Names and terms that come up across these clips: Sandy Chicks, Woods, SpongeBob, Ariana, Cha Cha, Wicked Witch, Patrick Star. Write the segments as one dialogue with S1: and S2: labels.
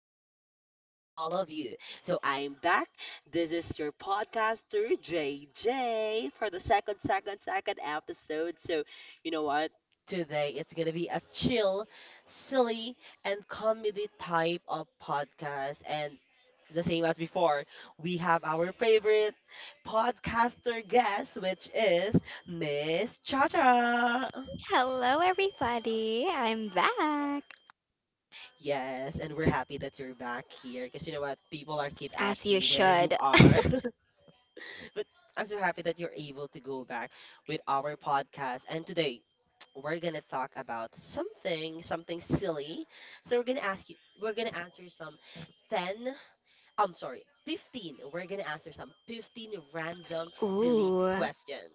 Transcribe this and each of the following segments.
S1: Good day for all of you. So, I'm back. This is your podcaster, JJ, for the second episode. So, you know what? Today, it's going to be a chill, silly, and comedy type of podcast. And the same as before, we have our favorite podcaster guest, which is Miss Cha Cha.
S2: Hello, everybody. I'm back.
S1: Yes, and we're happy that you're back here because you know what? People are keep
S2: As you
S1: asking where you
S2: should.
S1: are. But I'm so happy that you're able to go back with our podcast. And today we're gonna talk about something silly. So we're gonna answer some 10, I'm sorry, 15. We're gonna answer some 15 random silly
S2: Ooh,
S1: questions.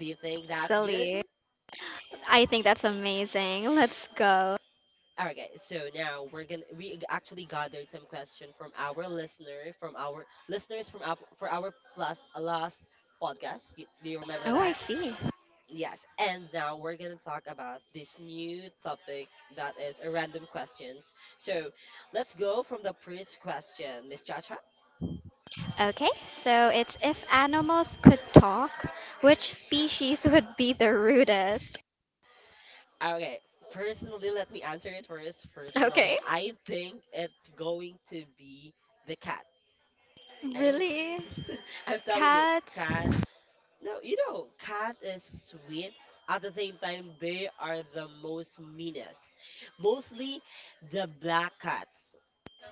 S1: Do you think that's good?
S2: silly. I think that's amazing. Let's go.
S1: All right, guys. So now we actually gathered some question from from our listeners from up for our plus last podcast. Do you remember
S2: Oh, I
S1: that?
S2: see.
S1: Yes. And now we're gonna talk about this new topic that is a random questions. So let's go from the first question, Miss Chacha.
S2: Okay, so it's if animals could talk, which species would be the rudest?
S1: Okay. Personally, let me answer it first. Personally,
S2: Okay.
S1: I think it's going to be the cat. I'm
S2: Really?
S1: I'm telling you,
S2: Cats?
S1: cat. No, you know, cat is sweet. At the same time, they are the most meanest. Mostly the black cats.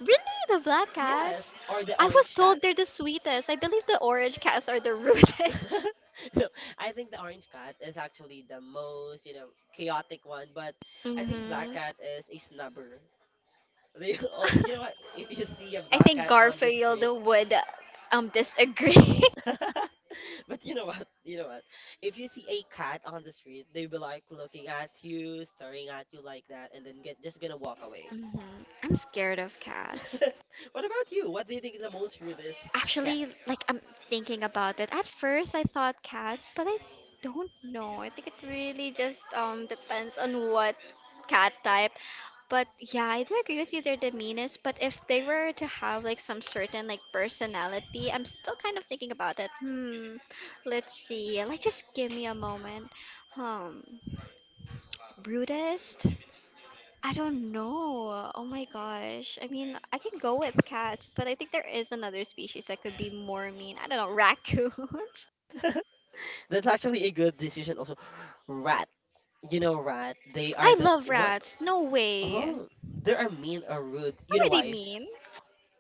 S2: Really? The black
S1: Yes,
S2: cats?
S1: or the
S2: I was
S1: orange cat.
S2: told they're the sweetest. I believe the orange cats are the rudest.
S1: No, I think the orange cat is actually the most, you know, chaotic one, but I think black
S2: Mm-hmm.
S1: cat is a snubber. They, oh, you know what? If you see a
S2: I
S1: black
S2: think
S1: cat on the
S2: Garfield
S1: street,
S2: would disagree.
S1: but you know what? You know what? If you see a cat on the street, they'll be like looking at you, staring at you like that, and then get just gonna walk away.
S2: Mhm. I'm scared of cats.
S1: What about you? What do you think is the most rudest cat?
S2: Actually, like I'm thinking about it. At first, I thought cats, but I don't know. I think it really just depends on what cat type. But yeah, I do agree with you. They're the meanest. But if they were to have like some certain like personality, I'm still kind of thinking about it. Hmm. Let's see. Like, just give me a moment. Um, rudest. I don't know. Oh my gosh. I mean, I can go with cats, but I think there is another species that could be more mean. I don't know, raccoons.
S1: That's actually a good decision also. Rat. You know, rat, they are
S2: I
S1: the
S2: love
S1: what?
S2: rats. No way. How
S1: Oh, they are mean or rude. You know
S2: are they
S1: why?
S2: mean?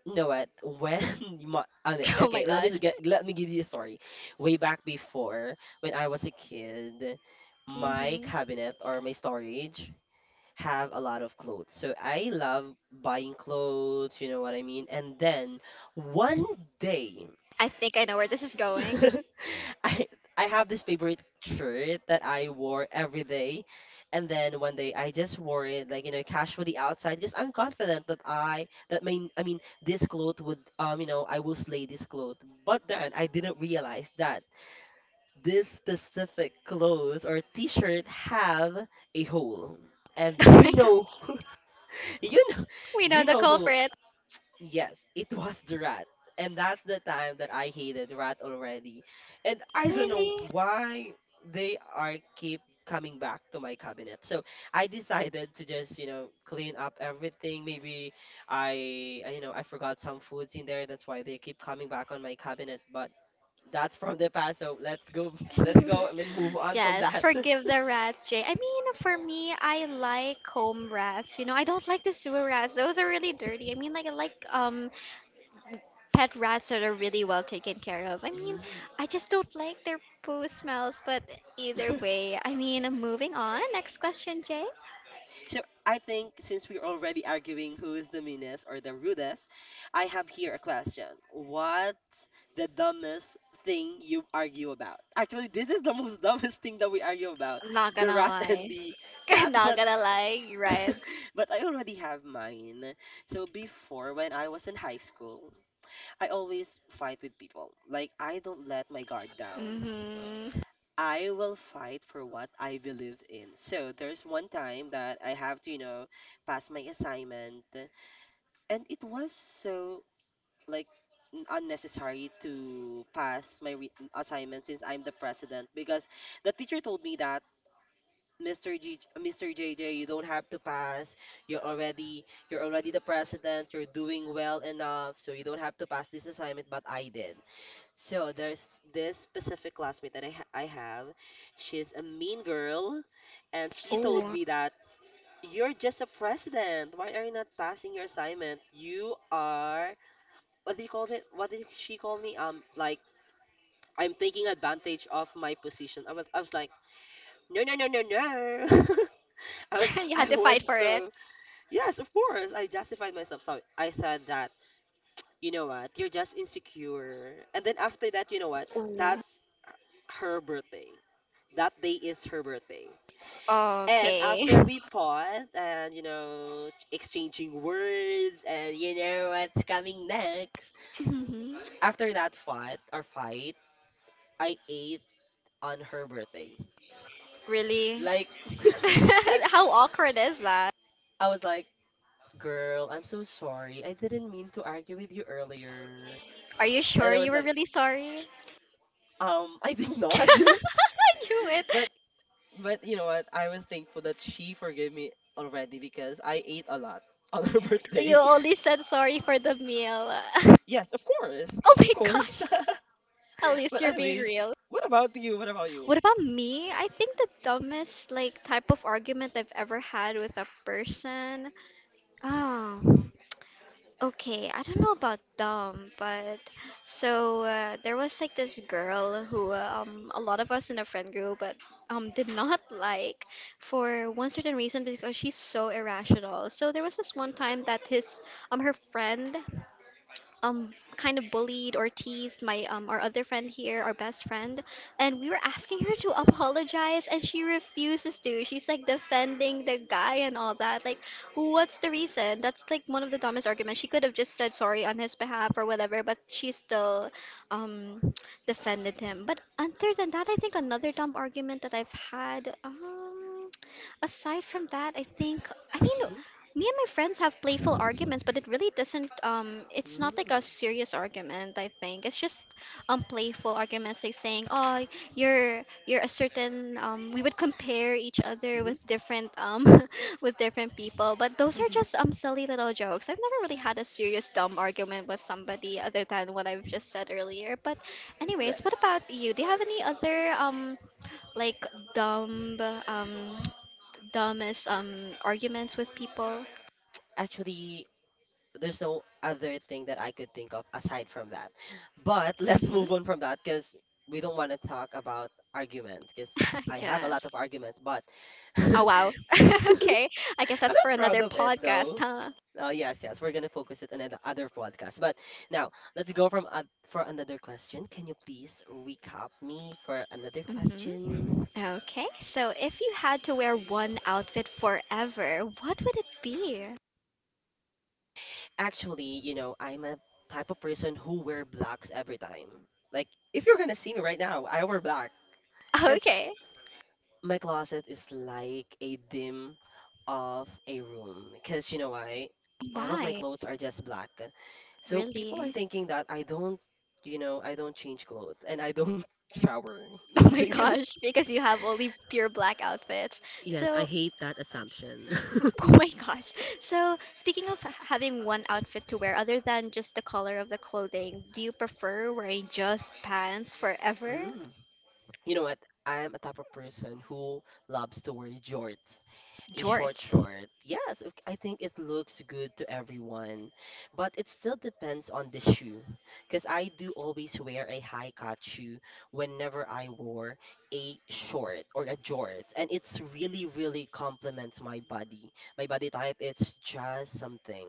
S1: Know what? When
S2: Oh my
S1: okay,
S2: gosh.
S1: let me give you a story. Way back before, when I was a kid, my
S2: Hmm.
S1: cabinet or my storage have a lot of clothes. So I love buying clothes, you know what I mean? And then one day
S2: I think I know where this is going.
S1: I I have this favorite shirt that I wore every day, and then one day I just wore it like you know casually outside because I'm confident that I that my I mean this cloth would I will slay this cloth. But then I didn't realize that this specific clothes or T-shirt have a hole, and
S2: Oh
S1: you
S2: my
S1: know,
S2: gosh.
S1: you know,
S2: We know
S1: you
S2: the
S1: know who.
S2: culprit.
S1: Yes, it was the rat. And that's the time that I hated rat already. And I don't know
S2: Really?
S1: why they are keep coming back to my cabinet. So I decided to just, you know, clean up everything. Maybe I forgot some foods in there. That's why they keep coming back on my cabinet. But that's from the past. So let's go, let's go and move on from
S2: Yes,
S1: that.
S2: forgive the rats, Jay. I mean, for me, I like home rats. I don't like the sewer rats. Those are really dirty. I mean, like I like pet rats are really well taken care of. I mean,
S1: Mm.
S2: I just don't like their poo smells, but either way, I mean, moving on. Next question, Jay.
S1: So I think since we're already arguing who is the meanest or the rudest, I have here a question. What's the dumbest thing you argue about? Actually, this is the most dumbest thing that we argue about,
S2: Not
S1: the
S2: gonna
S1: rat
S2: rat,
S1: and
S2: lie.
S1: the cat,
S2: Not
S1: but
S2: gonna lie, you're right.
S1: but I already have mine. So before when I was in high school, I always fight with people. Like I don't let my guard down.
S2: Mm-hmm.
S1: I will fight for what I believe in. So there's one time that I have to, you know, pass my assignment, and it was so like unnecessary to pass my assignment since I'm the president because the teacher told me that Mr. JJ, you don't have to pass. You're already you're already the president. You're doing well enough, so you don't have to pass this assignment. But I did. So there's this specific classmate that I have. She's a mean girl, and she told
S2: Oh,
S1: me that you're just a president. Why are you not passing your assignment? You are what do you call it? What did she call me? Like I'm taking advantage of my position. I was like, no, no, no, no, no. I was
S2: you had to fight for it.
S1: so yes, of course. I justified myself. So I said that you know what? You're just insecure. And then after that, you know what?
S2: Oh.
S1: That's her birthday. That day is her birthday. And
S2: Okay.
S1: after we paused and, you know, exchanging words and, you know, what's coming next,
S2: Mhm.
S1: after that fight, our fight, I ate on her birthday.
S2: Really?
S1: Like, like,
S2: How awkward is that?
S1: I was like, girl, I'm so sorry. I didn't mean to argue with you earlier.
S2: Are you sure
S1: And I
S2: you
S1: was
S2: were
S1: like,
S2: really sorry?
S1: I think not.
S2: I knew it.
S1: but, but you know what? I was thankful that she forgave me already because I ate a lot on her
S2: You
S1: birthday.
S2: only said sorry for the meal.
S1: Yes, of course.
S2: Oh my
S1: Of course.
S2: gosh. At least
S1: But
S2: you're being
S1: anyways,
S2: real.
S1: what about you? What about you?
S2: What about me? I think the dumbest like type of argument I've ever had with a person. Oh. Okay, I don't know about dumb, but so there was like this girl who a lot of us in a friend group but did not like for one certain reason because she's so irrational. So there was this one time that his her friend um kind of bullied or teased my our other friend here, our best friend, and we were asking her to apologize and she refuses to. She's like defending the guy and all that. Like, what's the reason? That's like one of the dumbest arguments. She could have just said sorry on his behalf or whatever, but she still um defended him. But other than that, I think another dumb argument that I've had, aside from that, I think I mean
S1: Hmm.
S2: me and my friends have playful arguments, but it really doesn't it's not like
S1: Mm.
S2: a serious argument, I think. It's just playful arguments like saying oh you're a certain we would compare each other
S1: Hmm.
S2: with different with different people but those are just silly little jokes. I've never really had a serious dumb argument with somebody other than what I've just said earlier, but
S1: But
S2: anyways, what about you? Do you have any other like dumb um dumbest arguments with people?
S1: actually, there's no other thing that I could think of aside from that. But let's
S2: Mm-hmm.
S1: move on from that because we don't want to talk about arguments, because I have a lot
S2: Yes.
S1: of arguments, but I'm
S2: Oh, wow. Okay, I guess that's for
S1: not proud
S2: another
S1: of it
S2: podcast,
S1: though.
S2: huh?
S1: Yes, yes, we're gonna focus it on the other podcast. But now let's go from for another question. Can you please recap me for another question?
S2: Mm-hmm. Okay, so if you had to wear one outfit forever, what would it be?
S1: Actually, I'm a type of person who wear blacks every time. Like, if you're gonna see me right now, I wear black. Because
S2: Okay.
S1: my closet is like a dim of a room. Because you know why? All of my
S2: Why?
S1: clothes are just black. So people are
S2: Really?
S1: thinking that I don't change clothes and I don't shower.
S2: Oh my gosh, because you have only pure black outfits.
S1: Yes, I
S2: So,
S1: hate that assumption.
S2: oh my gosh. So, speaking of having one outfit to wear, other than just the color of the clothing, do you prefer wearing just pants forever?
S1: Mm. You know what? I am a type of person who loves to wear jorts. A short
S2: Jorts.
S1: short. Yes, I think it looks good to everyone, but it still depends on the shoe. Because I do always wear a high cut shoe whenever I wore a short or a jorts, and it's really, really complements my body. My body type, it's just something.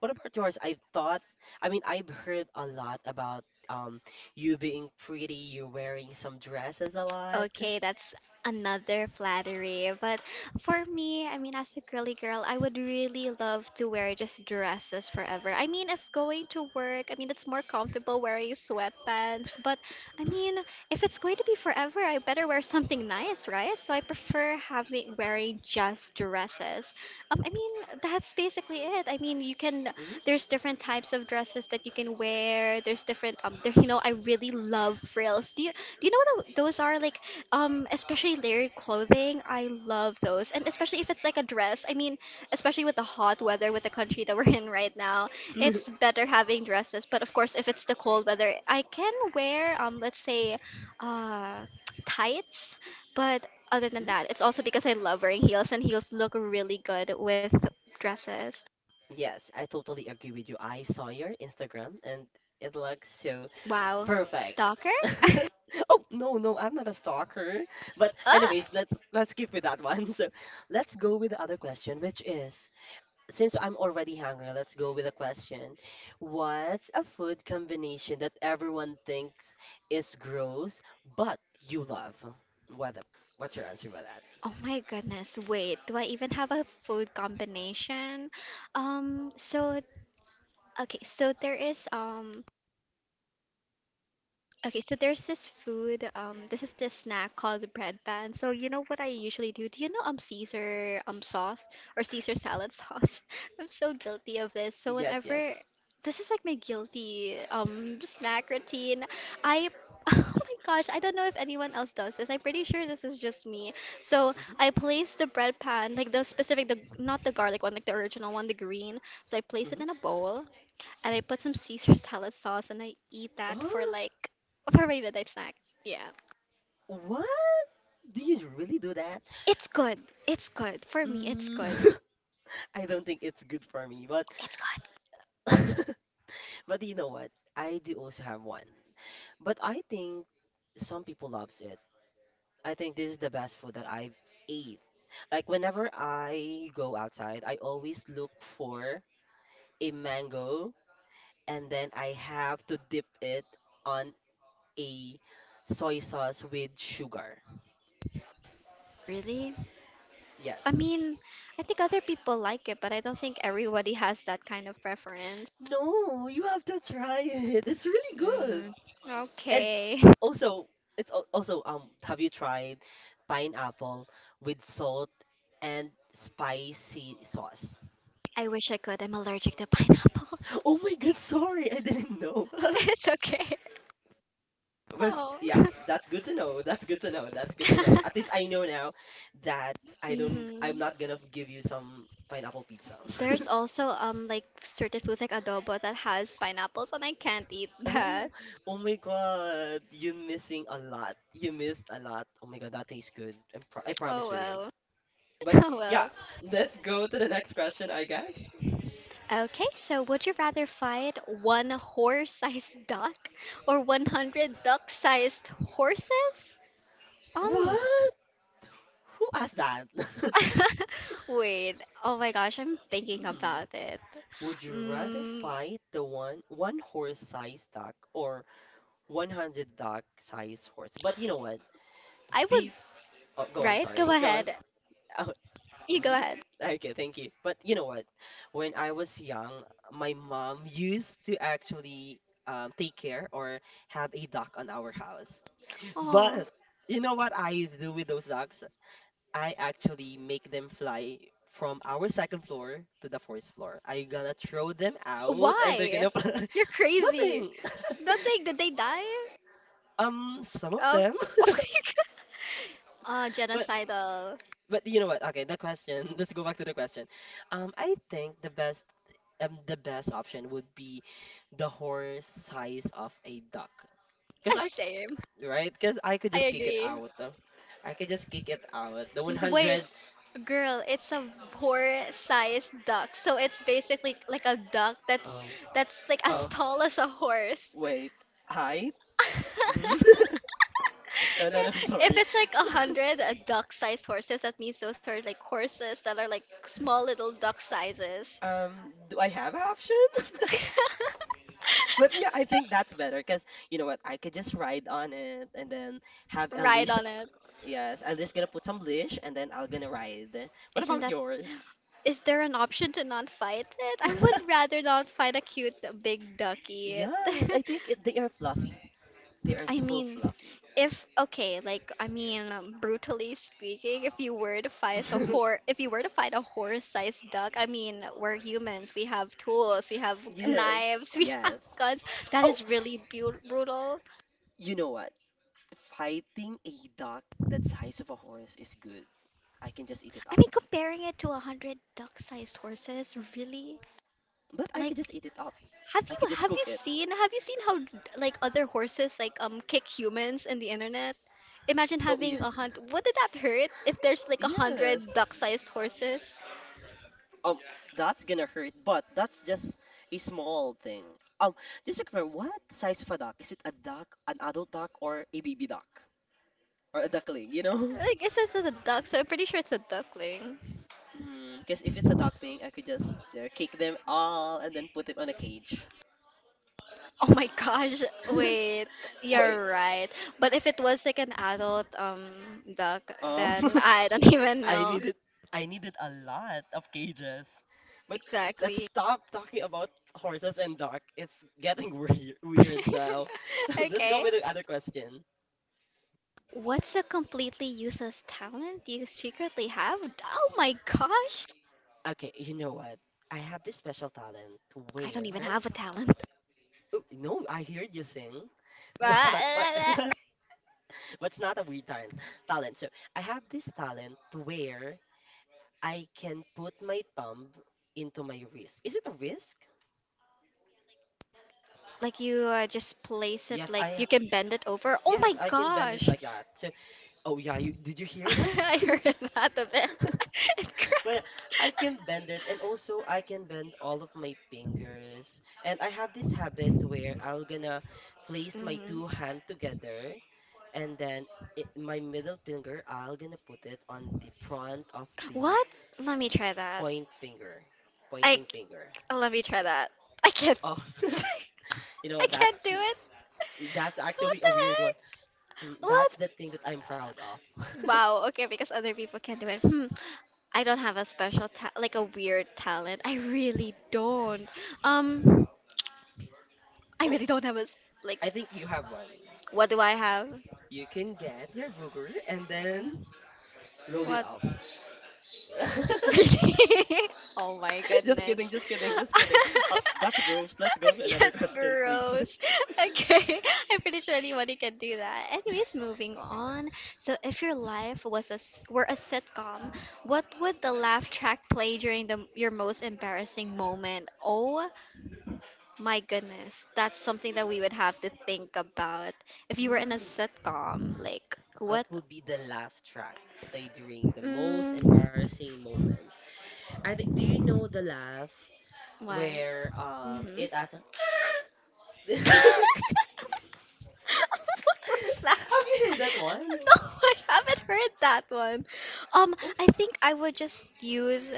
S1: What about yours? I thought, I mean, I've heard a lot about um you being pretty, you wearing some dresses a lot.
S2: Okay, that's another flattery. But for me, I mean, as a girly girl, I would really love to wear just dresses forever. I mean, if going to work, I mean, it's more comfortable wearing sweatpants. But I mean, if it's going to be forever, I better wear something nice, right? So I prefer having wearing just dresses. I mean, that's basically it. I mean, you can
S1: Mm-hmm.
S2: there's different types of dresses that you can wear. There's different there, I really love frills. Do you know what those are? Like especially layered clothing, I love those. And especially if it's like a dress. I mean, especially with the hot weather with the country that we're in right now, it's better having dresses. But of course, if it's the cold weather, I can wear let's say, uh, tights. But other than that, it's also because I love wearing heels, and heels look really good with dresses.
S1: Yes, I totally agree with you. I saw your Instagram and it looks so
S2: Wow,
S1: perfect.
S2: stalker.
S1: Oh, no, no, I'm not a stalker. But
S2: Ah!
S1: anyways, let's keep with that one. So, let's go with the other question, which is since I'm already hungry, let's go with a question. What's a food combination that everyone thinks is gross but you love? What the, what's your answer about that?
S2: Oh my goodness, wait, do I even have a food combination? So okay, so there is okay, so there's this food this is this snack called the bread pan. So you know what I usually do? Do you know Caesar sauce or Caesar salad sauce? I'm so guilty of this. So
S1: Yes,
S2: whenever
S1: yes.
S2: this is like my guilty snack routine, I oh my gosh, I don't know if anyone else does this. I'm pretty sure this is just me. So
S1: Mm-hmm,
S2: I place the bread pan, like the specific, the not the garlic one, like the original one, the green. So I place it in a
S1: mm-hmm.
S2: bowl, and I put some Caesar salad sauce and I eat that for
S1: Oh,
S2: like for my midnight snack. Yeah.
S1: what? Do you really do that?
S2: It's good. It's good. For me, it's
S1: Mm,
S2: good.
S1: I don't think it's good for me, but
S2: It's good.
S1: but you know what? I do also have one. But I think some people loves it. I think this is the best food that I've ate. Like whenever I go outside, I always look for a mango and then I have to dip it on a soy sauce with sugar.
S2: Really? I
S1: Yes.
S2: mean, I think other people like it, but I don't think everybody has that kind of preference.
S1: No, you have to try it. It's really
S2: Really.
S1: good.
S2: Mm,
S1: And
S2: okay.
S1: also, also have you tried pineapple with salt and spicy sauce?
S2: I wish I could. I'm allergic to pineapples.
S1: Oh my God, sorry, I didn't know.
S2: It's okay.
S1: But
S2: Oh.
S1: yeah, that's good to know. That's good to know. That's good to know.
S2: Hmm.
S1: At least I know now that I don't, I'm not gonna give you some pineapple pizza.
S2: There's also like certain foods like adobo that has pineapples and I can't eat
S1: Oh,
S2: that.
S1: oh my God, you're missing a lot. You missed a lot. Oh my God, that tastes good. I
S2: Oh
S1: promise with you.
S2: well.
S1: But
S2: Oh
S1: yeah,
S2: well.
S1: let's go to the next question, I guess.
S2: Okay, so would you rather fight one horse-sized duck or 100 duck-sized horses? Um
S1: What? Who asked that?
S2: wait. Oh my gosh, I'm thinking
S1: Hmm.
S2: about it.
S1: Would you rather
S2: Mm,
S1: fight the one horse size duck or 100 duck size horse? But you know what?
S2: I would,
S1: Beef. Oh, go on.
S2: right? Go
S1: Sorry. Go on.
S2: ahead.
S1: Oh,
S2: You go
S1: mm?
S2: ahead.
S1: Okay. Thank you. But you know what? When I was young, my mom used to actually take care or have a duck on our house.
S2: Oh,
S1: But you know what I do with those ducks? I actually make them fly from our second floor to the fourth floor. I gonna throw them out and they're
S2: why?
S1: gonna fly?
S2: You're crazy.
S1: Nothing.
S2: Nothing. Did they die?
S1: Some of
S2: Um,
S1: them.
S2: oh my god.
S1: But
S2: Genocidal.
S1: but you know what? Okay, the question. Let's go back to the question. I think the best option would be the horse size of a duck. Cause I
S2: Same.
S1: right? Cause I could
S2: I
S1: just kick it
S2: agree.
S1: out. I could just kick it out. The
S2: The way,
S1: 100.
S2: girl, it's a horse-sized duck, so it's basically like a duck that's
S1: Oh
S2: like
S1: oh,
S2: as tall as a horse.
S1: wait. Height. Mhm. No, no, no, I'm
S2: If
S1: sorry.
S2: it's like a hundred duck-sized horses, that means those are like horses that are like small little duck sizes.
S1: Do I have an option? But yeah, I think that's better because you know what? I could just ride on it and then have a
S2: Ride
S1: leash.
S2: on it.
S1: Yes, I'm just gonna put some leash and then I'll gonna ride. What
S2: Isn't
S1: about
S2: that?
S1: yours?
S2: Is there an option to not fight it? I would rather not fight a cute big ducky.
S1: Yes, I think they are fluffy. They are
S2: I
S1: so
S2: mean,
S1: fluffy.
S2: if okay, like I mean, brutally speaking, if you were to fight a horse, if you were to fight a horse-sized duck, I mean, we're humans. We have tools. We have
S1: Yes,
S2: knives. We have
S1: yes.
S2: guns. That
S1: Oh,
S2: is really bu brutal.
S1: you know what? Fighting a duck that size of a horse is good. I can just eat it
S2: I
S1: up.
S2: mean, comparing it to 100 duck-sized horses, really?
S1: But I could
S2: Like,
S1: just eat it up. I could just
S2: have you
S1: cook it.
S2: seen how like other horses like kick humans in the internet? Imagine
S1: Oh yeah.
S2: having a hundred. Would that hurt if there's like 100
S1: Yes.
S2: duck-sized horses?
S1: Um, that's gonna hurt, but that's just a small thing. Um, just to confirm, what size of a duck? Is it a duck, an adult duck, or a baby duck, or a duckling?
S2: Like it says it's a duck, so I'm pretty sure it's a duckling.
S1: Mm, because if it's a duckling, I could just kick them all and then put them on a cage.
S2: Oh my gosh, wait,
S1: Wait.
S2: you're right. But if it was like an adult duck,
S1: Um.
S2: then I don't even
S1: I
S2: know.
S1: needed I needed a lot of cages. But let's
S2: Exactly.
S1: stop talking about horses and dog. It's getting weird now. So let's go
S2: Okay.
S1: with the other question.
S2: What's a completely useless talent you secretly have? Oh my gosh!
S1: Okay, you know what? I have this special talent
S2: I don't even
S1: where
S2: have a talent.
S1: Oh, no, I heard you sing, but but it's not a weird talent. So I have this talent where I can put my thumb into my wrist. Is it a risk?
S2: Like you just place it
S1: Yes,
S2: like you can bend it over. Oh my
S1: I can bend it
S2: gosh!
S1: like that. So oh yeah, you did you hear that?
S2: I heard that a bit. It
S1: But
S2: cracked.
S1: yeah, I can bend it and also I can bend all of my fingers. And I have this habit where I'll gonna place my
S2: Mhm.
S1: two hand together and then my middle finger I'll gonna put it on the front of the
S2: What? Let me try that.
S1: point finger,
S2: I
S1: pointing finger.
S2: let me try that. I can't.
S1: Oh, you know
S2: I
S1: what?
S2: can't do
S1: That's
S2: it.
S1: that's actually
S2: What the
S1: a weird one.
S2: heck?
S1: That's
S2: What?
S1: the thing that I'm proud of.
S2: Wow. Okay, because other people can't do it. Hmm. I don't have a special like a weird talent. I really don't. Um, I
S1: Oh,
S2: really don't have a like.
S1: I think you have one.
S2: What do I have?
S1: You can get your booger and then roll it
S2: What?
S1: up.
S2: Really? Oh my
S1: Just
S2: goodness.
S1: kidding, just kidding, just kidding. Oh, that's gross. Let's go to another
S2: Yes.
S1: question, please.
S2: Okay, I'm pretty sure anybody can do that. Anyways, moving on. So, if your life were a sitcom, what would the laugh track play during the your most embarrassing moment? Oh my goodness, that's something that we would have to think about. If you
S1: Mm.
S2: were in a sitcom, like
S1: What
S2: what?
S1: would be the laugh track played during the most
S2: Mm.
S1: embarrassing moment? I think, do you know the laugh
S2: What?
S1: where it
S2: Mm-hmm.
S1: has a Have
S2: What was that?
S1: you heard that one?
S2: No, I haven't heard that one.
S1: Oh,
S2: I think I would just use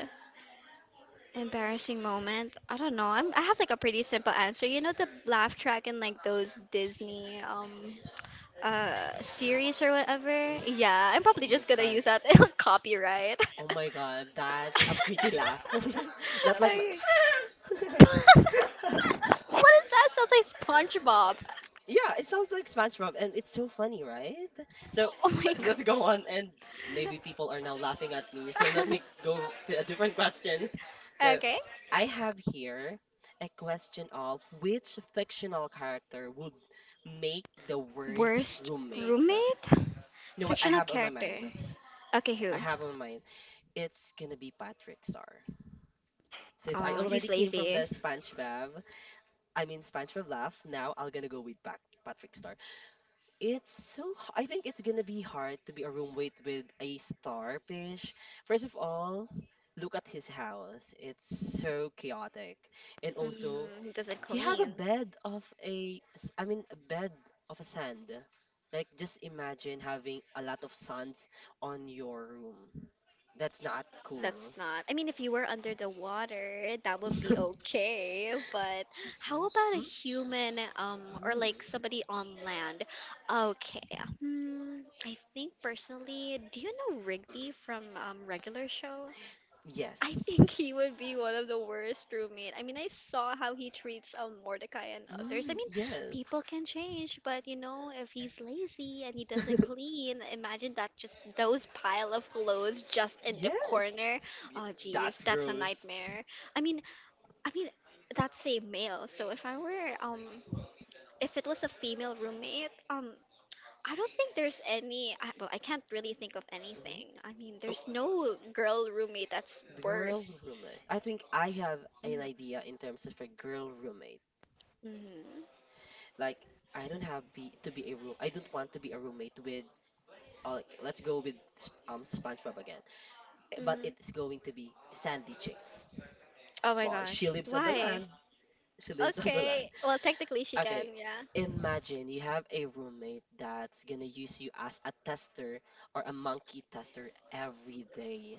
S2: embarrassing moment. I don't know. I have like a pretty simple answer. You know the laugh track in like those Disney series or whatever?
S1: mm.
S2: Yeah, I'm
S1: Oh
S2: probably
S1: my
S2: just gonna
S1: god.
S2: use that. It'll copyright.
S1: Oh my god, that's a pretty laugh. Not like my—
S2: Okay. What is that? Sounds like SpongeBob.
S1: yeah, it sounds like SpongeBob, and it's so funny, right?
S2: So
S1: So
S2: oh my gosh.
S1: let's go on, and maybe people are now laughing at me. So let me go to a different questions. So
S2: Okay.
S1: I have here a question of which fictional character would make
S2: The
S1: the
S2: Worst
S1: worst
S2: Worst roommate?
S1: roommate? You
S2: roommate?
S1: know what I
S2: Fictional
S1: have on my
S2: character.
S1: mind?
S2: Okay, who?
S1: I have on my mind. It's gonna be Patrick Star. Since I
S2: He's
S1: already came from
S2: lazy.
S1: the SpongeBob, I mean SpongeBob laugh. Now I'm gonna go with Patrick Star. It's so, I think it's gonna be hard to be a roommate with a starfish. First of all, look at his house. It's so chaotic. And also,
S2: Mm, he doesn't
S1: he have a
S2: clean.
S1: bed of I mean, a bed of a sand. Like, just imagine having a lot of sands on your room. That's not
S2: That's
S1: cool.
S2: not. I mean, if you were under the water, that would be okay. But how
S1: Mm,
S2: about a
S1: mm,
S2: human, or like
S1: mm.
S2: somebody on land? Okay. Hmm. I think personally, do you know Rigby from Regular Show? I
S1: Yes.
S2: think he would be one of the worst roommate. I mean, I saw how he treats Mordecai and others. I
S1: Mm,
S2: mean,
S1: yes.
S2: people can change, but you know, if he's lazy and he doesn't clean, imagine that just those pile of clothes just in the
S1: Yes.
S2: corner.
S1: Y-
S2: Oh, geez,
S1: That's
S2: that's a
S1: gross.
S2: nightmare. I mean, I mean, that's a male. So if I were if it was a female roommate. I don't think there's any. Well, I can't really think of
S1: Mhm.
S2: anything. I mean, there's no girl roommate that's
S1: The girl
S2: worse.
S1: roommate. I think I have an
S2: Mhm.
S1: idea in terms of a girl roommate.
S2: Mhm.
S1: Like I don't have be to be a room. I don't want to be a roommate with like let's go with SpongeBob again. But
S2: Mhm.
S1: it's going to be Sandy Chicks.
S2: Oh my
S1: Well,
S2: gosh.
S1: she lives on the
S2: Why?
S1: land. She lives on the land.
S2: Okay. Well, technically she can,
S1: Okay.
S2: yeah.
S1: Imagine you have a roommate that's gonna use you as a tester or a monkey tester every day.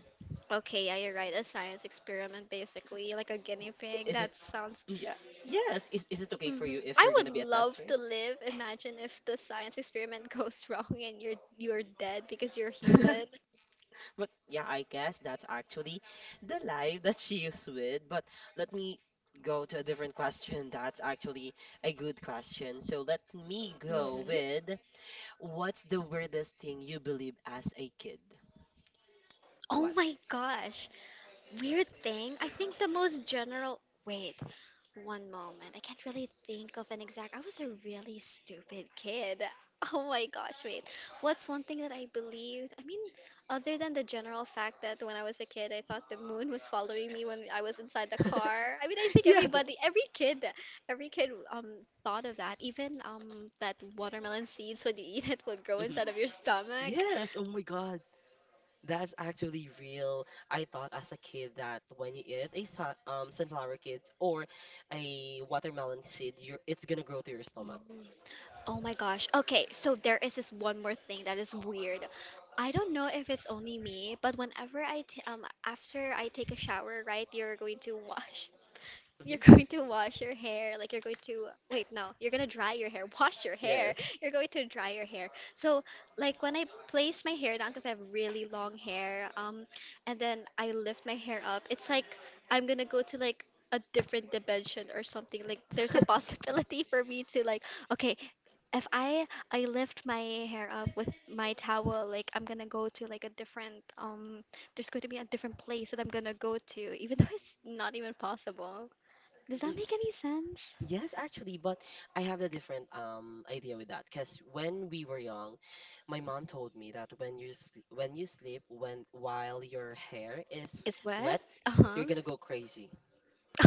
S2: Okay, yeah, you're right. A science experiment, basically, like a guinea pig.
S1: Is it?
S2: That sounds.
S1: Yeah. Yes. Is it okay for
S2: Mhm.
S1: you if
S2: I
S1: you're
S2: would
S1: gonna be a
S2: love
S1: tester?
S2: to live. Imagine if the science experiment goes wrong and you're dead because you're human.
S1: But yeah, I guess that's actually the life that she is with. But let me go to a different question. That's actually a good question. So let me go
S2: Mhm.
S1: with what's the weirdest thing you believe as a kid?
S2: Oh
S1: What?
S2: my gosh. Weird thing, I think the most general. Wait, one moment. I can't really think of an exact. I was a really stupid kid. Oh my gosh, wait. What's one thing that I believed? I mean, other than the general fact that when I was a kid, I thought the moon was following me when I was inside the car. I mean, I think
S1: Yeah. That,
S2: everybody, every kid thought of that. Even that watermelon seeds when you eat it will grow
S1: mhm.
S2: inside of your stomach.
S1: Yes. Oh my God. That's actually real. I thought as a kid that when you eat a sunflower seeds or a watermelon seed, it's gonna grow to your stomach.
S2: Oh my gosh. Okay, so there is this one more thing that is weird. I don't know if it's only me, but whenever I t after I take a shower, right, you're going to wash. You're
S1: Hmm.
S2: going to wash your hair, like you're going to wait, no, you're gonna dry your hair. Wash your hair.
S1: Yes.
S2: You're going to dry your hair. So, like when I place my hair down because I have really long hair, and then I lift my hair up, it's like I'm gonna go to like a different dimension or something. Like there's a possibility for me to like, okay, if I lift my hair up with my towel, like I'm gonna go to like a different there's going to be a different place that I'm gonna go to, even though it's not even possible. Does that make any sense?
S1: Yes, actually, but I have a different idea with that because when we were young, my mom told me that when you sl when you sleep when while your hair is
S2: It's what?
S1: wet,
S2: Uh-huh.
S1: you're gonna go crazy.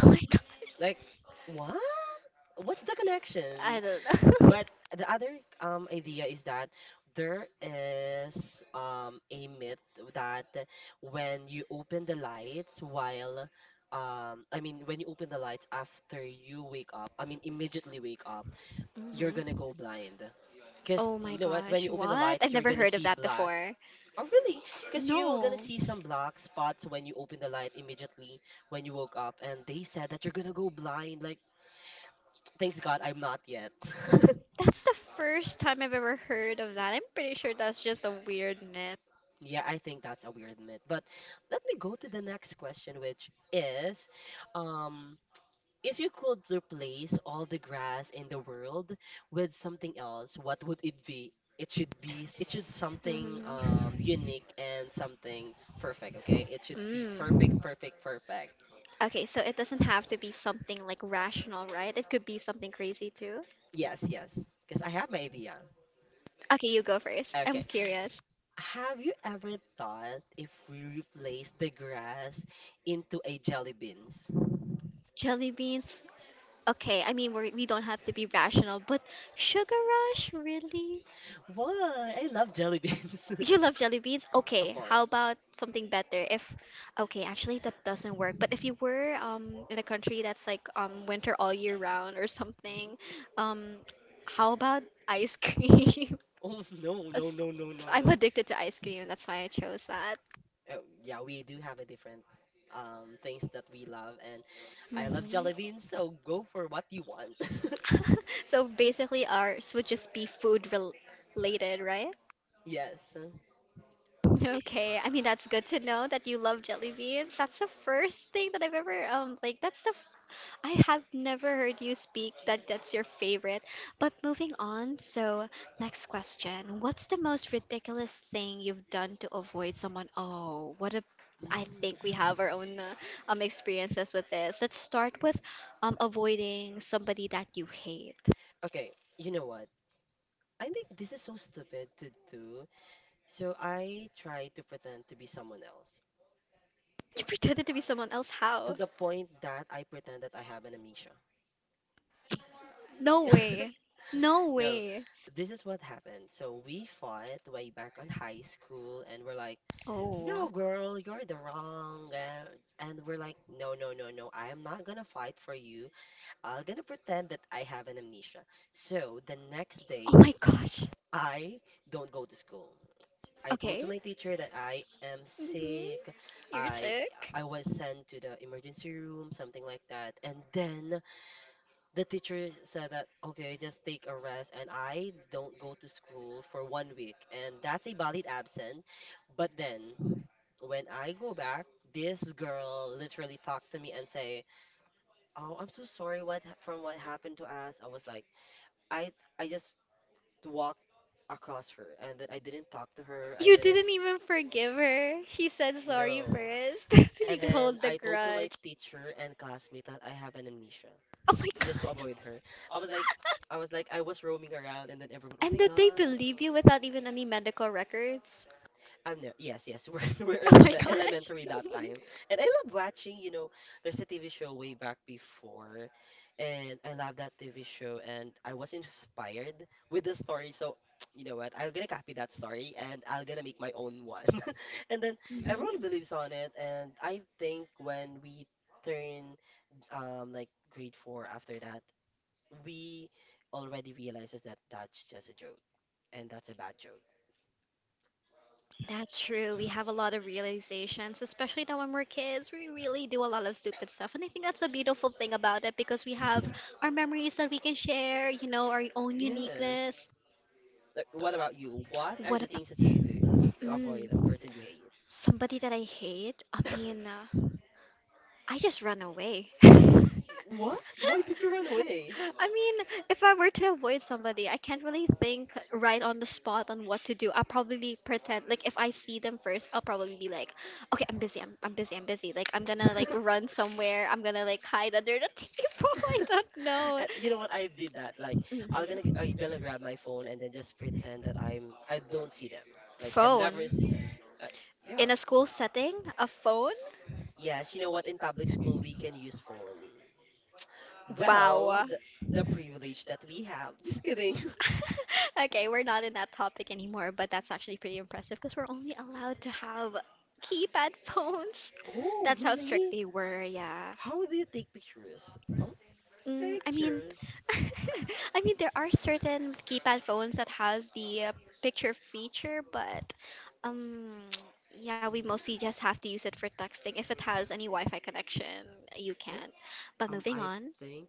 S2: Oh my gosh,
S1: Like, what? What's the
S2: I
S1: connection?
S2: don't know.
S1: But the other idea is that there is a myth that when you open the lights while I mean when you open the lights after you wake up, I mean immediately wake up, you're gonna
S2: Mhm.
S1: go blind. Because
S2: Oh my
S1: you know what? When
S2: gosh,
S1: you open the
S2: what? I've
S1: lights, you're
S2: never
S1: gonna
S2: heard of
S1: see
S2: that
S1: black.
S2: before.
S1: Or really, because you were
S2: No,
S1: gonna see some black spots when you open the light immediately when you woke up. And they said that you're gonna go blind. Like, thanks God, I'm not yet.
S2: that's the first time I've ever heard of that. I'm pretty sure that's just a weird myth.
S1: Yeah, I think that's a weird myth. But let me go to the next question, which is, um, if you could replace all the grass in the world with something else, what would it be? It should something unique and something perfect, okay?
S2: Mhm.
S1: It should be
S2: Mm.
S1: perfect, perfect, perfect.
S2: Okay, so it doesn't have to be something like rational, right? It could be something crazy too.
S1: Yes, yes. Because I have my idea.
S2: Okay, you go first. I'm
S1: Okay.
S2: curious.
S1: Have you ever thought if we replace the grass into a jelly beans?
S2: Jelly beans. Okay, I mean we don't have to be rational, but sugar rush really?
S1: Why? I love jelly beans.
S2: You love jelly beans?
S1: Of
S2: Okay, how
S1: course.
S2: about something better? If Okay, actually that doesn't work. But if you were in a country that's like winter all year round or
S1: Mhm.
S2: something, um how about ice cream?
S1: Oh no, no,
S2: 'Cause
S1: no, no, no,
S2: I'm
S1: no.
S2: addicted to ice cream. That's why I chose that.
S1: Yeah, we do have a different things that we love, and I love jelly
S2: Mhm.
S1: so go for what you want.
S2: So basically, ours would just be food related, right?
S1: Yes. Mm.
S2: Okay, I mean that's good to know that you love jelly beans. That's the first thing that I've ever like, that's the I have never heard you speak that that's your favorite. But moving on, so next question. What's the most ridiculous thing you've done to avoid someone? Oh, what a I think we have our own experiences with this. Let's start with avoiding somebody that you hate.
S1: Okay, you know what? I think this is so stupid to do. So I try to pretend to be someone else
S2: You pretended to be someone else.
S1: to
S2: How?
S1: the point that I pretend that I have an amnesia.
S2: No way. No
S1: No,
S2: way.
S1: this is what happened. So we fought way back on high school, and we're like, "No,
S2: Oh.
S1: girl, you're the wrong." And we're like, no, no, no, no. I am not gonna fight for you. I'm gonna pretend that I have an amnesia. So the next
S2: Oh
S1: day,
S2: my gosh.
S1: I don't go to school. I told to
S2: Okay.
S1: my teacher that I am
S2: Hmm.
S1: sick.
S2: You're
S1: I
S2: sick.
S1: I was sent to the emergency room, something like that. And then the teacher said that, okay, just take a rest. And I don't go to school for one week. And that's a valid absent. But then when I go back, this girl literally talked to me and say, "Oh, I'm so sorry what from what happened to us." I was like, I I just walked across her and then I didn't talk to her. I
S2: You
S1: didn't
S2: didn't even forgive her. She said sorry
S1: know.
S2: first.
S1: And
S2: You can
S1: then
S2: hold the
S1: I told to my
S2: grudge.
S1: teacher and classmate that I have an amnesia
S2: Oh my
S1: just to
S2: gosh.
S1: avoid her. I was like I was like I was roaming around and then everyone, "Oh
S2: And
S1: my
S2: did they
S1: God."
S2: believe you without even any medical records?
S1: I'm there. Yes, yes. We're in
S2: Oh my gosh.
S1: elementary that time. And I love watching, you know, there's a TV show way back before, and I love that TV show and I was inspired with the story. So, you know what? I'm gonna copy that story and I'm gonna make my own one. And then
S2: Hmm.
S1: everyone believes on it and I think when we turn like grade 4 after that, we already realizes that that's just a joke and that's a bad joke.
S2: That's true. We have a lot of realizations, especially now when we're kids. We really do a lot of stupid stuff. And I think that's a beautiful thing about it because we have our memories that we can share, you know, our own
S1: Yes.
S2: uniqueness.
S1: What about you? What are
S2: What
S1: the
S2: about.
S1: things that you do to avoid the
S2: Mm.
S1: person you hate?
S2: Somebody that I hate? I mean, I just run away.
S1: What? Why did you run away?
S2: I mean, if I were to avoid somebody, I can't really think right on the spot on what to do. I'll probably pretend like if I see them first, I'll probably be like, "Okay, I'm busy. I'm busy. I'm busy." Like I'm gonna like run somewhere. I'm gonna like hide under the table. I don't know.
S1: And you know what? I did that. Like
S2: I'm Mhm.
S1: I'm gonna grab my phone and then just pretend that I don't see them. Like I'm
S2: Phone,
S1: never see them.
S2: yeah.
S1: Like, yeah.
S2: In a school setting, a phone.
S1: Yes, you know what? In public school, we can use phone. Well,
S2: Wow.
S1: the privilege that we have. Just kidding.
S2: Okay, we're not in that topic anymore, but that's actually pretty impressive because we're only allowed to have keypad phones.
S1: Oh,
S2: That's how strict
S1: really?
S2: they were, yeah.
S1: How do you take pictures? Oh,
S2: Mm, I mean,
S1: pictures.
S2: I mean there are certain keypad phones that has the picture feature, but um yeah, we mostly
S1: Mm,
S2: just have to use it for texting. If it has any Wi-Fi connection, you
S1: oh,
S2: can. But moving
S1: I
S2: on,
S1: think.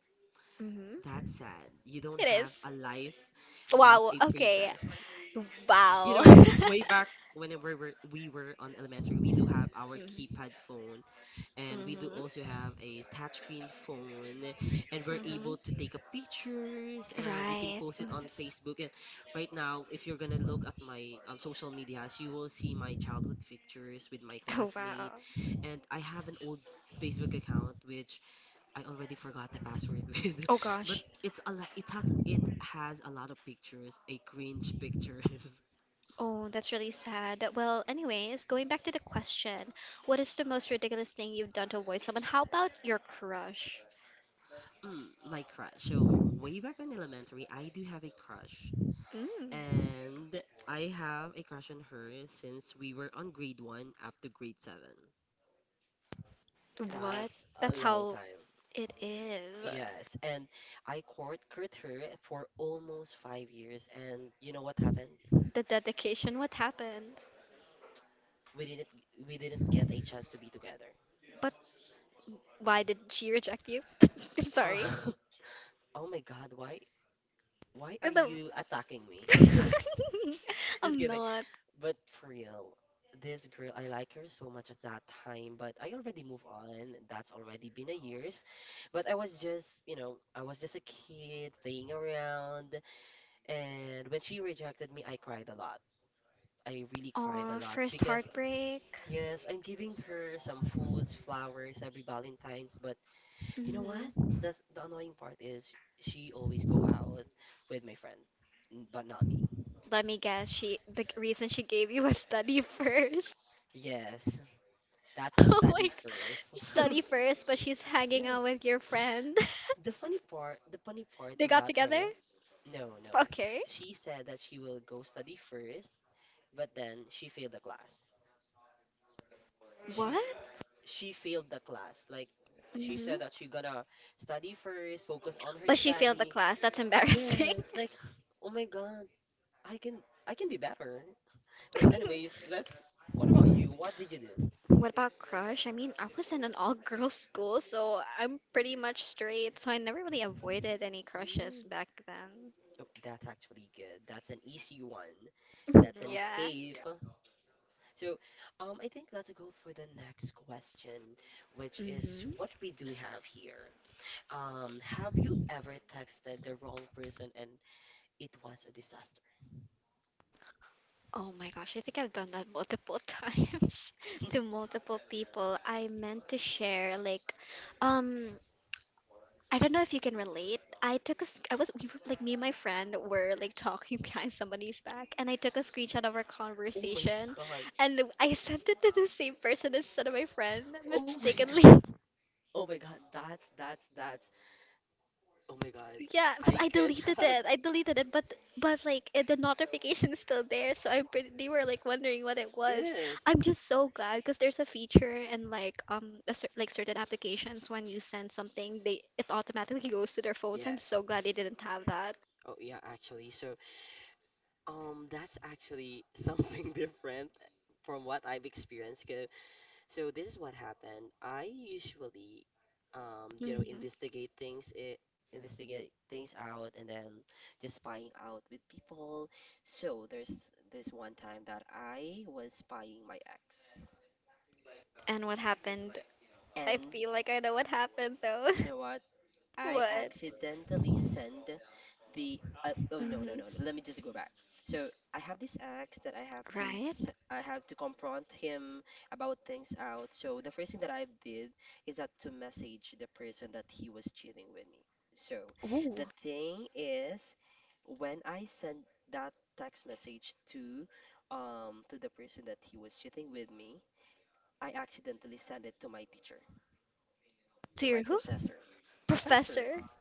S2: mm-hmm.
S1: That's sad. You don't
S2: It
S1: have
S2: is.
S1: a life of
S2: Wow,
S1: a
S2: okay.
S1: princess. You
S2: Wow.
S1: know what? Way back when we were on elementary, we do have our keypad phone, and we do also have
S2: Mhm.
S1: a touchscreen phone, and we're able to take up pictures, and we can
S2: Right.
S1: post it on Facebook. And right now, if you're gonna look at my social medias, you will see my childhood pictures with my
S2: Oh
S1: classmate,
S2: wow.
S1: and I have an old Facebook account which I already forgot the password with,
S2: Oh
S1: but
S2: gosh.
S1: it's a lot. It has a lot of pictures, a cringe pictures.
S2: Oh, that's really sad. Well, anyways, going back to the question, what is the most ridiculous thing you've done to avoid someone? How about your crush?
S1: Mm, my crush. So way back in elementary, I do have a crush,
S2: Mm,
S1: and I have a crush on her since we were on grade one up to grade 7.
S2: what?
S1: That's a
S2: That's
S1: long
S2: how
S1: time.
S2: it is.
S1: Yes, and I court her for almost 5 years, and you know what happened?
S2: The dedication, what happened?
S1: We didn't we didn't get a chance to be together.
S2: But why did she reject you? I'm
S1: Uh,
S2: sorry.
S1: oh my God, Why are
S2: The-
S1: you attacking me? Just
S2: I'm
S1: kidding.
S2: not.
S1: But for real, this girl, I like her so much at that time, but I already moved on. That's already been a years. But I was just, I was just a kid playing around. And when she rejected me, I cried a lot. I really cried a
S2: Aw,
S1: lot
S2: first
S1: because,
S2: heartbreak.
S1: yes, I'm giving her some foods, flowers every Valentine's. But you know
S2: Mhm.
S1: what? That's the annoying part is she always go out with my friend, but not me.
S2: Let me guess, she the reason she gave you was study first.
S1: Yes. That's a
S2: Oh my
S1: study
S2: g-
S1: first.
S2: study first, but she's hanging
S1: Yeah.
S2: out with your friend.
S1: The funny part
S2: They
S1: in
S2: got
S1: that
S2: together?
S1: area, no, no.
S2: Okay.
S1: She said that she will go study first, but then she failed the class. She
S2: What?
S1: she failed the class. Like she said
S2: Hmm.
S1: that she gonna study first, focus on her
S2: But she failed the
S1: study.
S2: class. That's embarrassing.
S1: Yes, like oh my God, I can I can be better. But anyways, let's what about you? What did you do?
S2: What about crush? I mean, I was in an all-girls school, so I'm pretty much straight, so I never really avoided any crushes
S1: Mm.
S2: back then.
S1: Oh, that's actually good. That's an easy one. That's an
S2: Yeah.
S1: escape. So, I think let's go for the next question, which is what we do
S2: Hmm.
S1: have here. Have you ever texted the wrong person and it was a disaster?
S2: Oh my gosh, I think I've done that multiple times to multiple people. I meant to share like um I don't know if you can relate. I took a sc- I was we were like me and my friend were like talking behind somebody's back and I took a screenshot of our
S1: Oh my
S2: conversation
S1: God.
S2: and I sent it to the same person instead of my friend
S1: Oh my
S2: mistakenly.
S1: God. Oh my God. That's, that's. Oh my God.
S2: Yeah,
S1: I
S2: but I deleted
S1: cannot.
S2: it. I deleted it, but like it, the notification is still there, so I'm pretty, they were like wondering what it was.
S1: Yes.
S2: I'm just so glad because there's a feature in like a cer like certain applications when you send something, they it automatically goes to their phones. I'm
S1: Yes.
S2: so glad they didn't have that.
S1: Oh yeah, actually. So, that's actually something different from what I've experienced. 'Cause so this is what happened. You know,
S2: Mhm.
S1: investigate things out, and then just spying out with people. So there's this one time that I was spying my ex,
S2: And what happened? I
S1: and
S2: feel like I know what happened though.
S1: you know what? I
S2: What?
S1: accidentally send the oh no,
S2: Hmm.
S1: let me just go back. So I have this axe that
S2: Right?
S1: I have to confront him about things out. So the first thing that I did is that to message the person that he was cheating with me. So
S2: Ooh.
S1: the thing is when I sent that text message to the person that he was cheating with me, I accidentally sent it to my teacher,
S2: To
S1: to
S2: your
S1: my
S2: who?
S1: professor. Professor,
S2: Professor.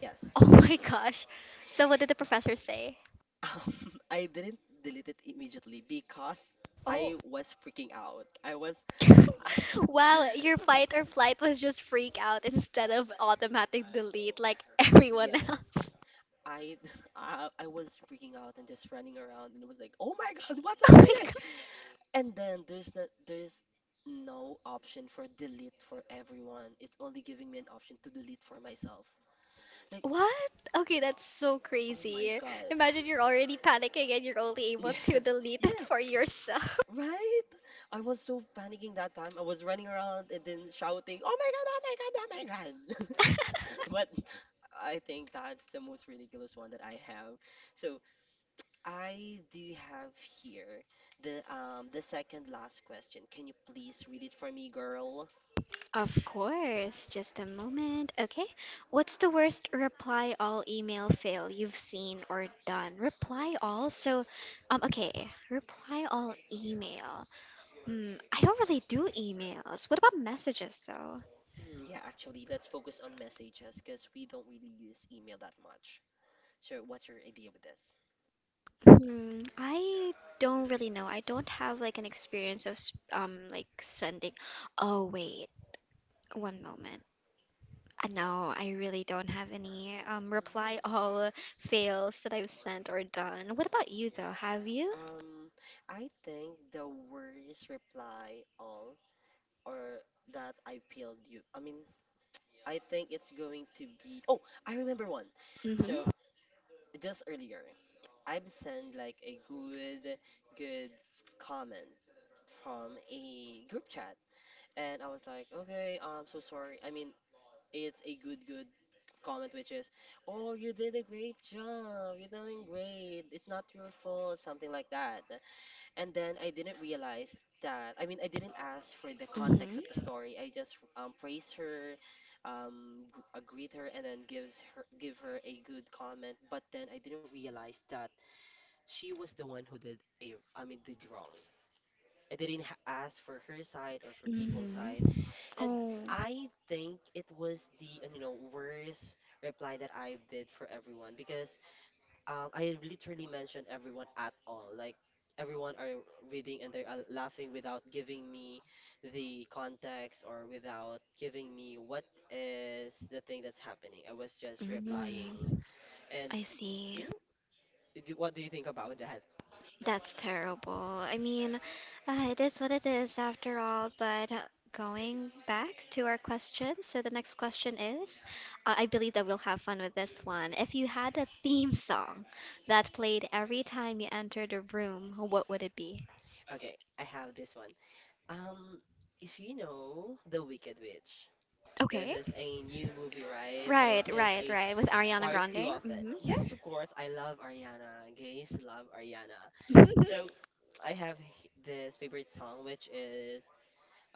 S1: yes.
S2: Oh my gosh. So what did the professor say?
S1: Um, I didn't delete it immediately because
S2: Oh.
S1: I was freaking out.
S2: Wow, your fight or flight was just freak out instead of automatic delete like everyone
S1: Yes,
S2: else.
S1: I, I was freaking out and just running around and was like, "Oh my God, what's
S2: Oh my
S1: happening?"
S2: gosh.
S1: And then there's no option for delete for everyone. It's only giving me an option to delete for myself. Like,
S2: What? Okay, that's so
S1: oh my
S2: crazy.
S1: God,
S2: Imagine you're already panicking and you're only able to
S1: yes,
S2: delete it
S1: yes,
S2: for yourself.
S1: right? I was so panicking that time. I was running around and then shouting, "Oh my God, oh my God, oh my God!" But I think that's the most ridiculous one that I have. So I do have here the second last question. Can you please read it for me, girl?
S2: Of course, just a moment. Okay. What's the worst reply all email fail you've seen or done? Reply all. So, okay. Reply all email. Hmm. I don't really do emails. What about messages though?
S1: Mm, yeah, actually, let's focus on messages because we don't really use email that much. So what's your idea with this?
S2: Hmm. I don't really know. I don't have like an experience of like sending. Oh wait, one moment. No, I really don't have any reply
S1: Mm.
S2: all fails that I've sent or done. What about you though? Have you?
S1: Um, I think the worst reply all or that I peeled you. I mean, I think it's going to be. Oh, I remember one.
S2: Mm-hmm.
S1: So just earlier, I've sent like a good comment from a group chat, and I was like, okay, I'm so sorry. I mean, it's a good comment, which is, oh, you did a great job. You're doing great. It's not your fault, something like that. And then I didn't realize that, I mean, I didn't ask for the context of the
S2: Mm-hmm.
S1: story. I just praise her, greet her, and then give her a good comment. But then I didn't realize that she was the one who did I mean, did wrong. I didn't ha- ask for her side or for people's side.
S2: Mm-hmm.
S1: And
S2: Oh.
S1: I think it was you know, worst reply that I did for everyone because I literally mentioned everyone at all. Like everyone are reading and they're laughing without giving me the context or without giving me what is the thing that's happening. I was just replying,
S2: Mm-hmm.
S1: and
S2: I see.
S1: you know, what do you think about that?
S2: That's terrible. I mean, it is what it is after all. But going back to our question, so the next question is, I believe that we'll have fun with this one. If you had a theme song that played every time you entered a room, what would it be?
S1: Okay, I have this one. Um, if you know The Wicked Witch. This
S2: Okay.
S1: is a new movie, right? There's
S2: Right,
S1: just
S2: right,
S1: a
S2: right. With Ariana
S1: part two
S2: Grande.
S1: of it.
S2: Mm-hmm.
S1: Yes, of course, I love Ariana. Gays love Ariana. So this favorite song, which is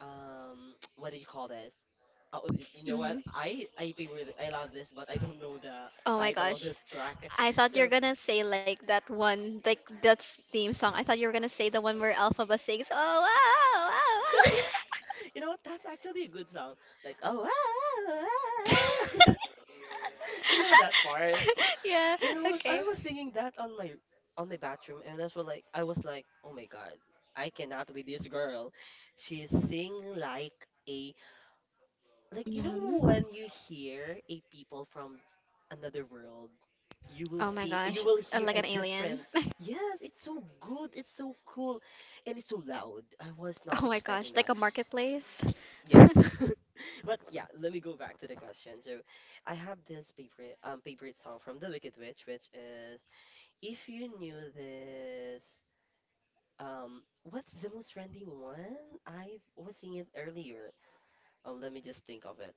S1: what do you call this? Oh, you know
S2: Hmm.
S1: what? I love this, but I don't know the
S2: Oh my
S1: title
S2: gosh.
S1: of this track.
S2: I thought you
S1: So
S2: are gonna say like that one, like that theme song. I thought you were gonna say the one where Elphaba sings, "Oh wow, wow,
S1: you know what? That's actually a good song. Like oh, ah,
S2: wow."
S1: ah, ah. you know that part.
S2: Yeah,
S1: You know what? I
S2: okay.
S1: was singing that on my bathroom, and that's what like I was like, oh my god, I cannot with this girl. She sing like a like you know
S2: Mhm.
S1: when you hear a people from another world,
S2: Oh my
S1: you
S2: gosh,
S1: will hear
S2: like
S1: a
S2: an alien.
S1: different. Yes, it's so good, it's so cool, and it's so loud. I was not
S2: Oh my gosh,
S1: expecting
S2: like
S1: that.
S2: a marketplace.
S1: Yes, but yeah, let me go back to the question. So, I have this favorite song from The Wicked Witch, which is if you knew this, what's the most trending one? I was seeing it earlier. Let me just think of it.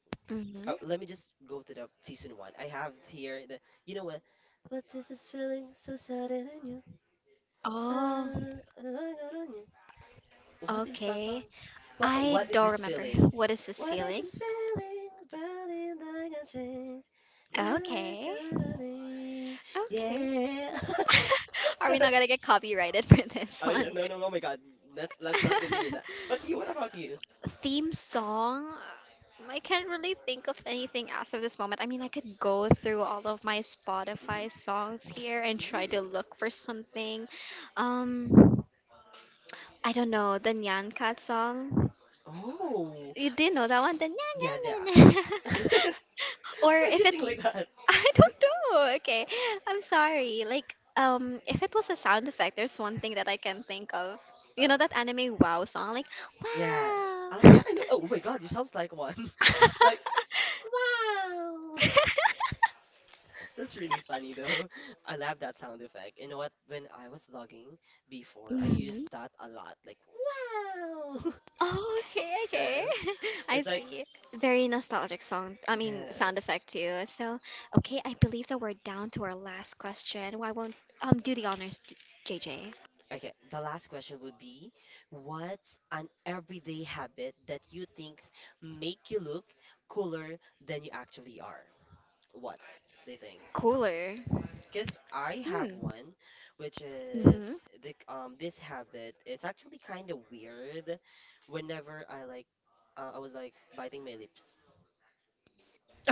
S2: Hmm.
S1: Let me just go to the season one. I have here the, you know what? What is this feeling so sudden in you? Na,
S2: Oh,
S1: na, na, na, na, na, na, what is that
S2: okay.
S1: song?
S2: I
S1: What is
S2: don't
S1: this
S2: remember.
S1: feeling?
S2: What is this
S1: What is
S2: feeling?
S1: this feeling? Burning like a change. Na, na,
S2: Okay.
S1: na, na, na.
S2: Okay.
S1: Yeah.
S2: Are we not gonna get copyrighted for this
S1: Oh
S2: one?
S1: yeah, no, no, oh my God. Let's not continue that. But you, what about you?
S2: Theme song? I can't really think of anything as of this moment. I mean, I could go through all of my Spotify
S1: Hmm
S2: songs here and try to
S1: hmm
S2: look for something. Um, I don't know, the Nyan Cat song.
S1: Oh,
S2: You do know that one? The Nyan
S1: yeah,
S2: Yeah, Nyan
S1: there.
S2: yeah. Nyan
S1: Are-
S2: Nyan. Or
S1: Why do
S2: if
S1: you
S2: it,
S1: sing like that?
S2: I don't know. Okay, I'm sorry. Like, if it was a sound effect, there's one thing that I can think of. You
S1: Oh,
S2: know that anime Wow song, like
S1: yeah.
S2: Wow.
S1: Oh, yeah, I know. Oh my God, you sounds like one. Like, wow. That's really funny though. I love that sound effect. You know what? When I was vlogging before, I used
S2: Mhm.
S1: that a lot. Like, wow.
S2: Oh, okay, okay.
S1: Yes.
S2: I
S1: It's like,
S2: see. Very nostalgic song. I mean, sound
S1: yes.
S2: effect too. So, okay, I believe that we're down to our last question. Why won't do the honors, JJ?
S1: Okay, the last question would be, what's an everyday habit that you think make you look cooler than you actually are? What do you think?
S2: Cooler.
S1: Because I have
S2: Hmm.
S1: one, which
S2: Mhm.
S1: is the this habit. It's actually kind of weird. Whenever I like, I was like biting my lips.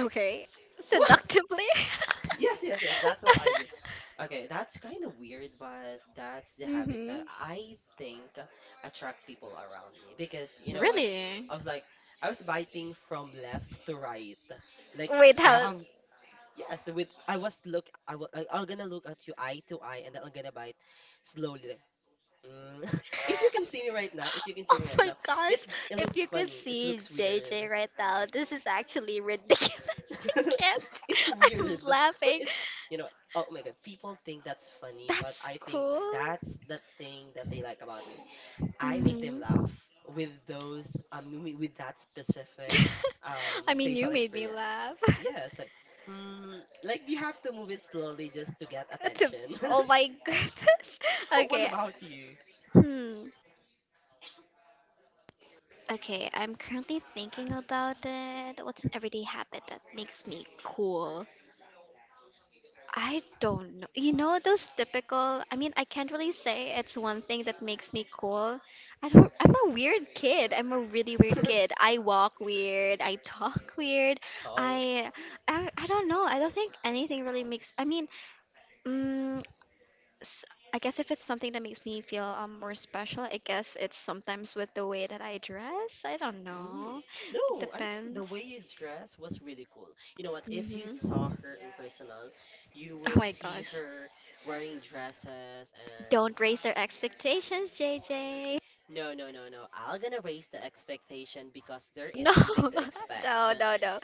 S1: Like,
S2: Seductively?
S1: yes, yes, yes. That's what I do. Okay, that's kind of weird, but that's the habit that
S2: Hmm.
S1: I think attract people around me because you know what?
S2: Really?
S1: I
S2: I
S1: was
S2: was like
S1: like, I was biting from left to right. Like
S2: wait,
S1: I
S2: how? I
S1: have
S2: was
S1: yes, with I'm gonna look at you eye to eye and then I'm gonna bite slowly. Mm. If you
S2: you
S1: can
S2: can see
S1: see me
S2: it right
S1: right
S2: now.
S1: now, If you
S2: You
S1: can
S2: can see. Oh,
S1: see me
S2: it right
S1: right
S2: my
S1: now,
S2: now. Gosh, it's
S1: it
S2: if it's
S1: looks
S2: you could
S1: funny. It
S2: funny. See
S1: looks weird.
S2: JJ right now, this is actually ridiculous. I can't.
S1: It's
S2: I'm
S1: weird, but
S2: laughing.
S1: it's you know, oh
S2: Oh
S1: my
S2: no,
S1: God,
S2: people
S1: people
S2: think
S1: think
S2: that's
S1: that's
S2: funny,
S1: funny,
S2: but
S1: but
S2: that's I
S1: I think
S2: think
S1: that's the thing that they like about me.
S2: cool.
S1: I make
S2: Hmm.
S1: them laugh with with that specific
S2: I mean, you
S1: facial
S2: made me
S1: experience.
S2: laugh.
S1: Yes, like mm, like you have to move it slowly just to get
S2: To-
S1: attention.
S2: oh my goodness.
S1: Oh, what
S2: Okay.
S1: about you?
S2: Hmm. Okay, I'm currently thinking about it. What's an everyday habit that makes me cool? I don't know. You know, those typical, I mean, I can't really say it's one thing that makes me cool. I don't, I'm a weird kid. I'm a really weird kid. I walk weird. I talk weird.
S1: Oh.
S2: I, I don't know. I don't think anything really makes, I mean, mm, s- I guess if it's something that makes me feel more special, I guess it's sometimes with the way that I dress. I don't
S1: Mm.
S2: know. It
S1: No, I think the way
S2: depends.
S1: you dress was really cool. You know what? If you
S2: Hmm.
S1: saw her in personal, you
S2: Oh
S1: will
S2: my
S1: see
S2: gosh.
S1: her wearing dresses and
S2: Don't raise their expectations, JJ.
S1: no. I'm gonna raise the expectation because there is
S2: No,
S1: something to expect.
S2: no, no, no.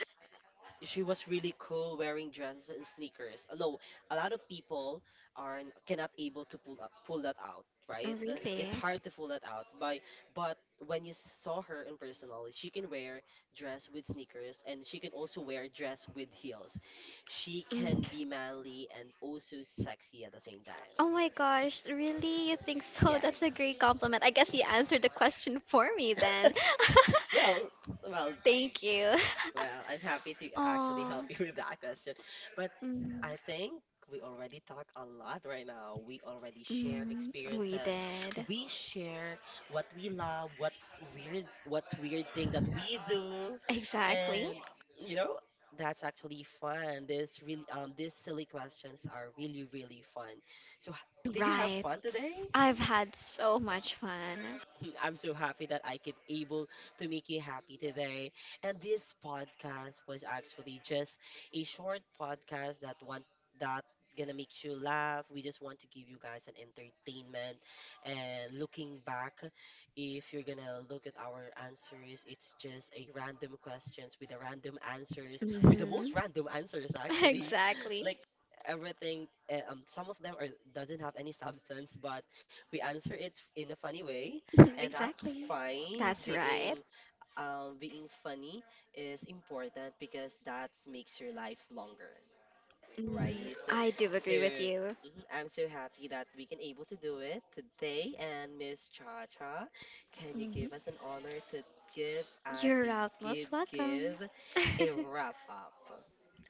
S1: She was really cool wearing dresses and sneakers. No, a lot of people are cannot able to pull that out, right?
S2: Really?
S1: It's hard to pull that out. By but when you saw her in personal, she can wear dress with sneakers and she can also wear dress with heels. She
S2: Mm.
S1: can be manly and also sexy at the same time.
S2: Oh my gosh, really? You think so? That's a
S1: Yes.
S2: great compliment. I guess you answered the question for me then.
S1: Well, well,
S2: Thank you.
S1: Well, I'm happy to actually help
S2: Oh.
S1: you with that question. But
S2: Mm.
S1: I think we already talk a lot right now. We already share
S2: Mm, we
S1: experiences.
S2: did.
S1: We share what we love, what weird, what's weird thing that we do,
S2: Exactly.
S1: and you know, that's actually fun. This really, these silly questions are really, really fun. So, did you have
S2: Right.
S1: fun today?
S2: I've had so much fun.
S1: I'm so happy that I could able to make you happy today. And this podcast was actually just a short podcast that want that gonna make you laugh. We just want to give you guys an entertainment. And looking back, if you're gonna look at our answers, it's just a random questions with the random answers, with the most
S2: Hmm.
S1: random answers actually.
S2: Exactly.
S1: Like everything some of them are doesn't have any substance but we answer it in a funny way and that's
S2: Exactly.
S1: fine.
S2: That's right.
S1: Being funny is important because that makes your life longer,
S2: Mm,
S1: right?
S2: I do
S1: So
S2: agree with you.
S1: mhm, I'm so happy that we can able to do it today. And Miss Cha Cha, can you give
S2: Mhm.
S1: us an honor to give us
S2: You're
S1: a
S2: out most welcome.
S1: give a wrap up?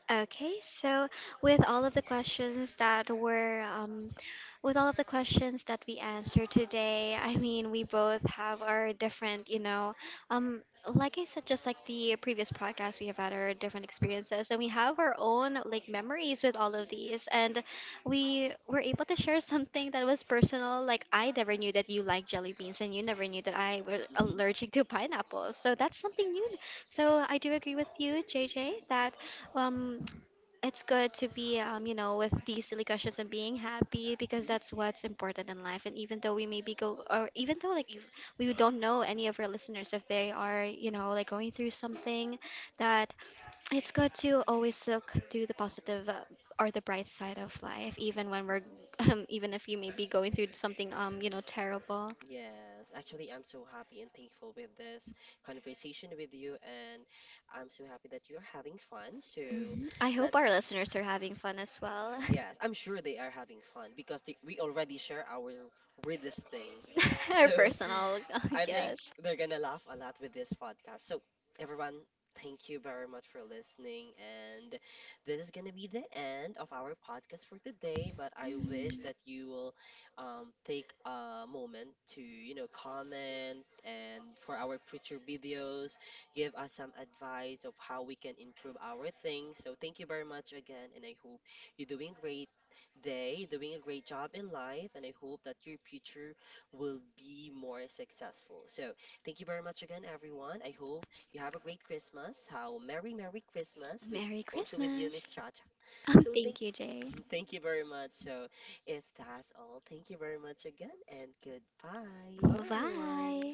S2: Okay, so with all of the questions that were, um, with all of the questions that we answered today, I mean, we both have our different, you know, um, like I said, just like the previous podcast, we have had our different experiences and we have our own like memories with all of these. And we were able to share something that was personal. Like, I never knew that you like jelly beans and you never knew that I were
S1: Hmm
S2: allergic to pineapples. So that's something new. So I do agree with you, JJ, that. Um, it's good to be, with these silly questions and being happy because that's what's important in life. And even though we maybe go, or even though like if we don't know any of our listeners if they are, you know, like going through something, that it's good to always look to the positive, or the bright side of life, even when we're, even if you may be going through something, terrible.
S1: Yes, actually, I'm so happy and thankful with this conversation with you, and I'm so happy that you're having fun. So
S2: Mhm. I hope
S1: let's,
S2: our listeners are having fun as well.
S1: yes, I'm sure they are having fun because we already share our weirdest thing.
S2: Our
S1: So
S2: personal,
S1: I think
S2: yes.
S1: they're gonna laugh a lot with this podcast. So, everyone, thank you very much for listening. And this is gonna be the end of our podcast for today. But I wish that you will take a moment to, you know, comment and for our future videos, give us some advice of how we can improve our things. So, thank you very much again, and I hope you're doing great day, doing a great job in life, and I hope that your future will be more successful. So, thank you very much again, everyone. I hope you have a great Christmas. How merry, merry Christmas with
S2: Merry
S1: also with you, Miss
S2: Christmas.
S1: Chacha. So, thank
S2: Thank you, Jay.
S1: thank you very much. So, if that's all, thank you very much again, and goodbye. Bye, bye, everyone.
S2: Bye.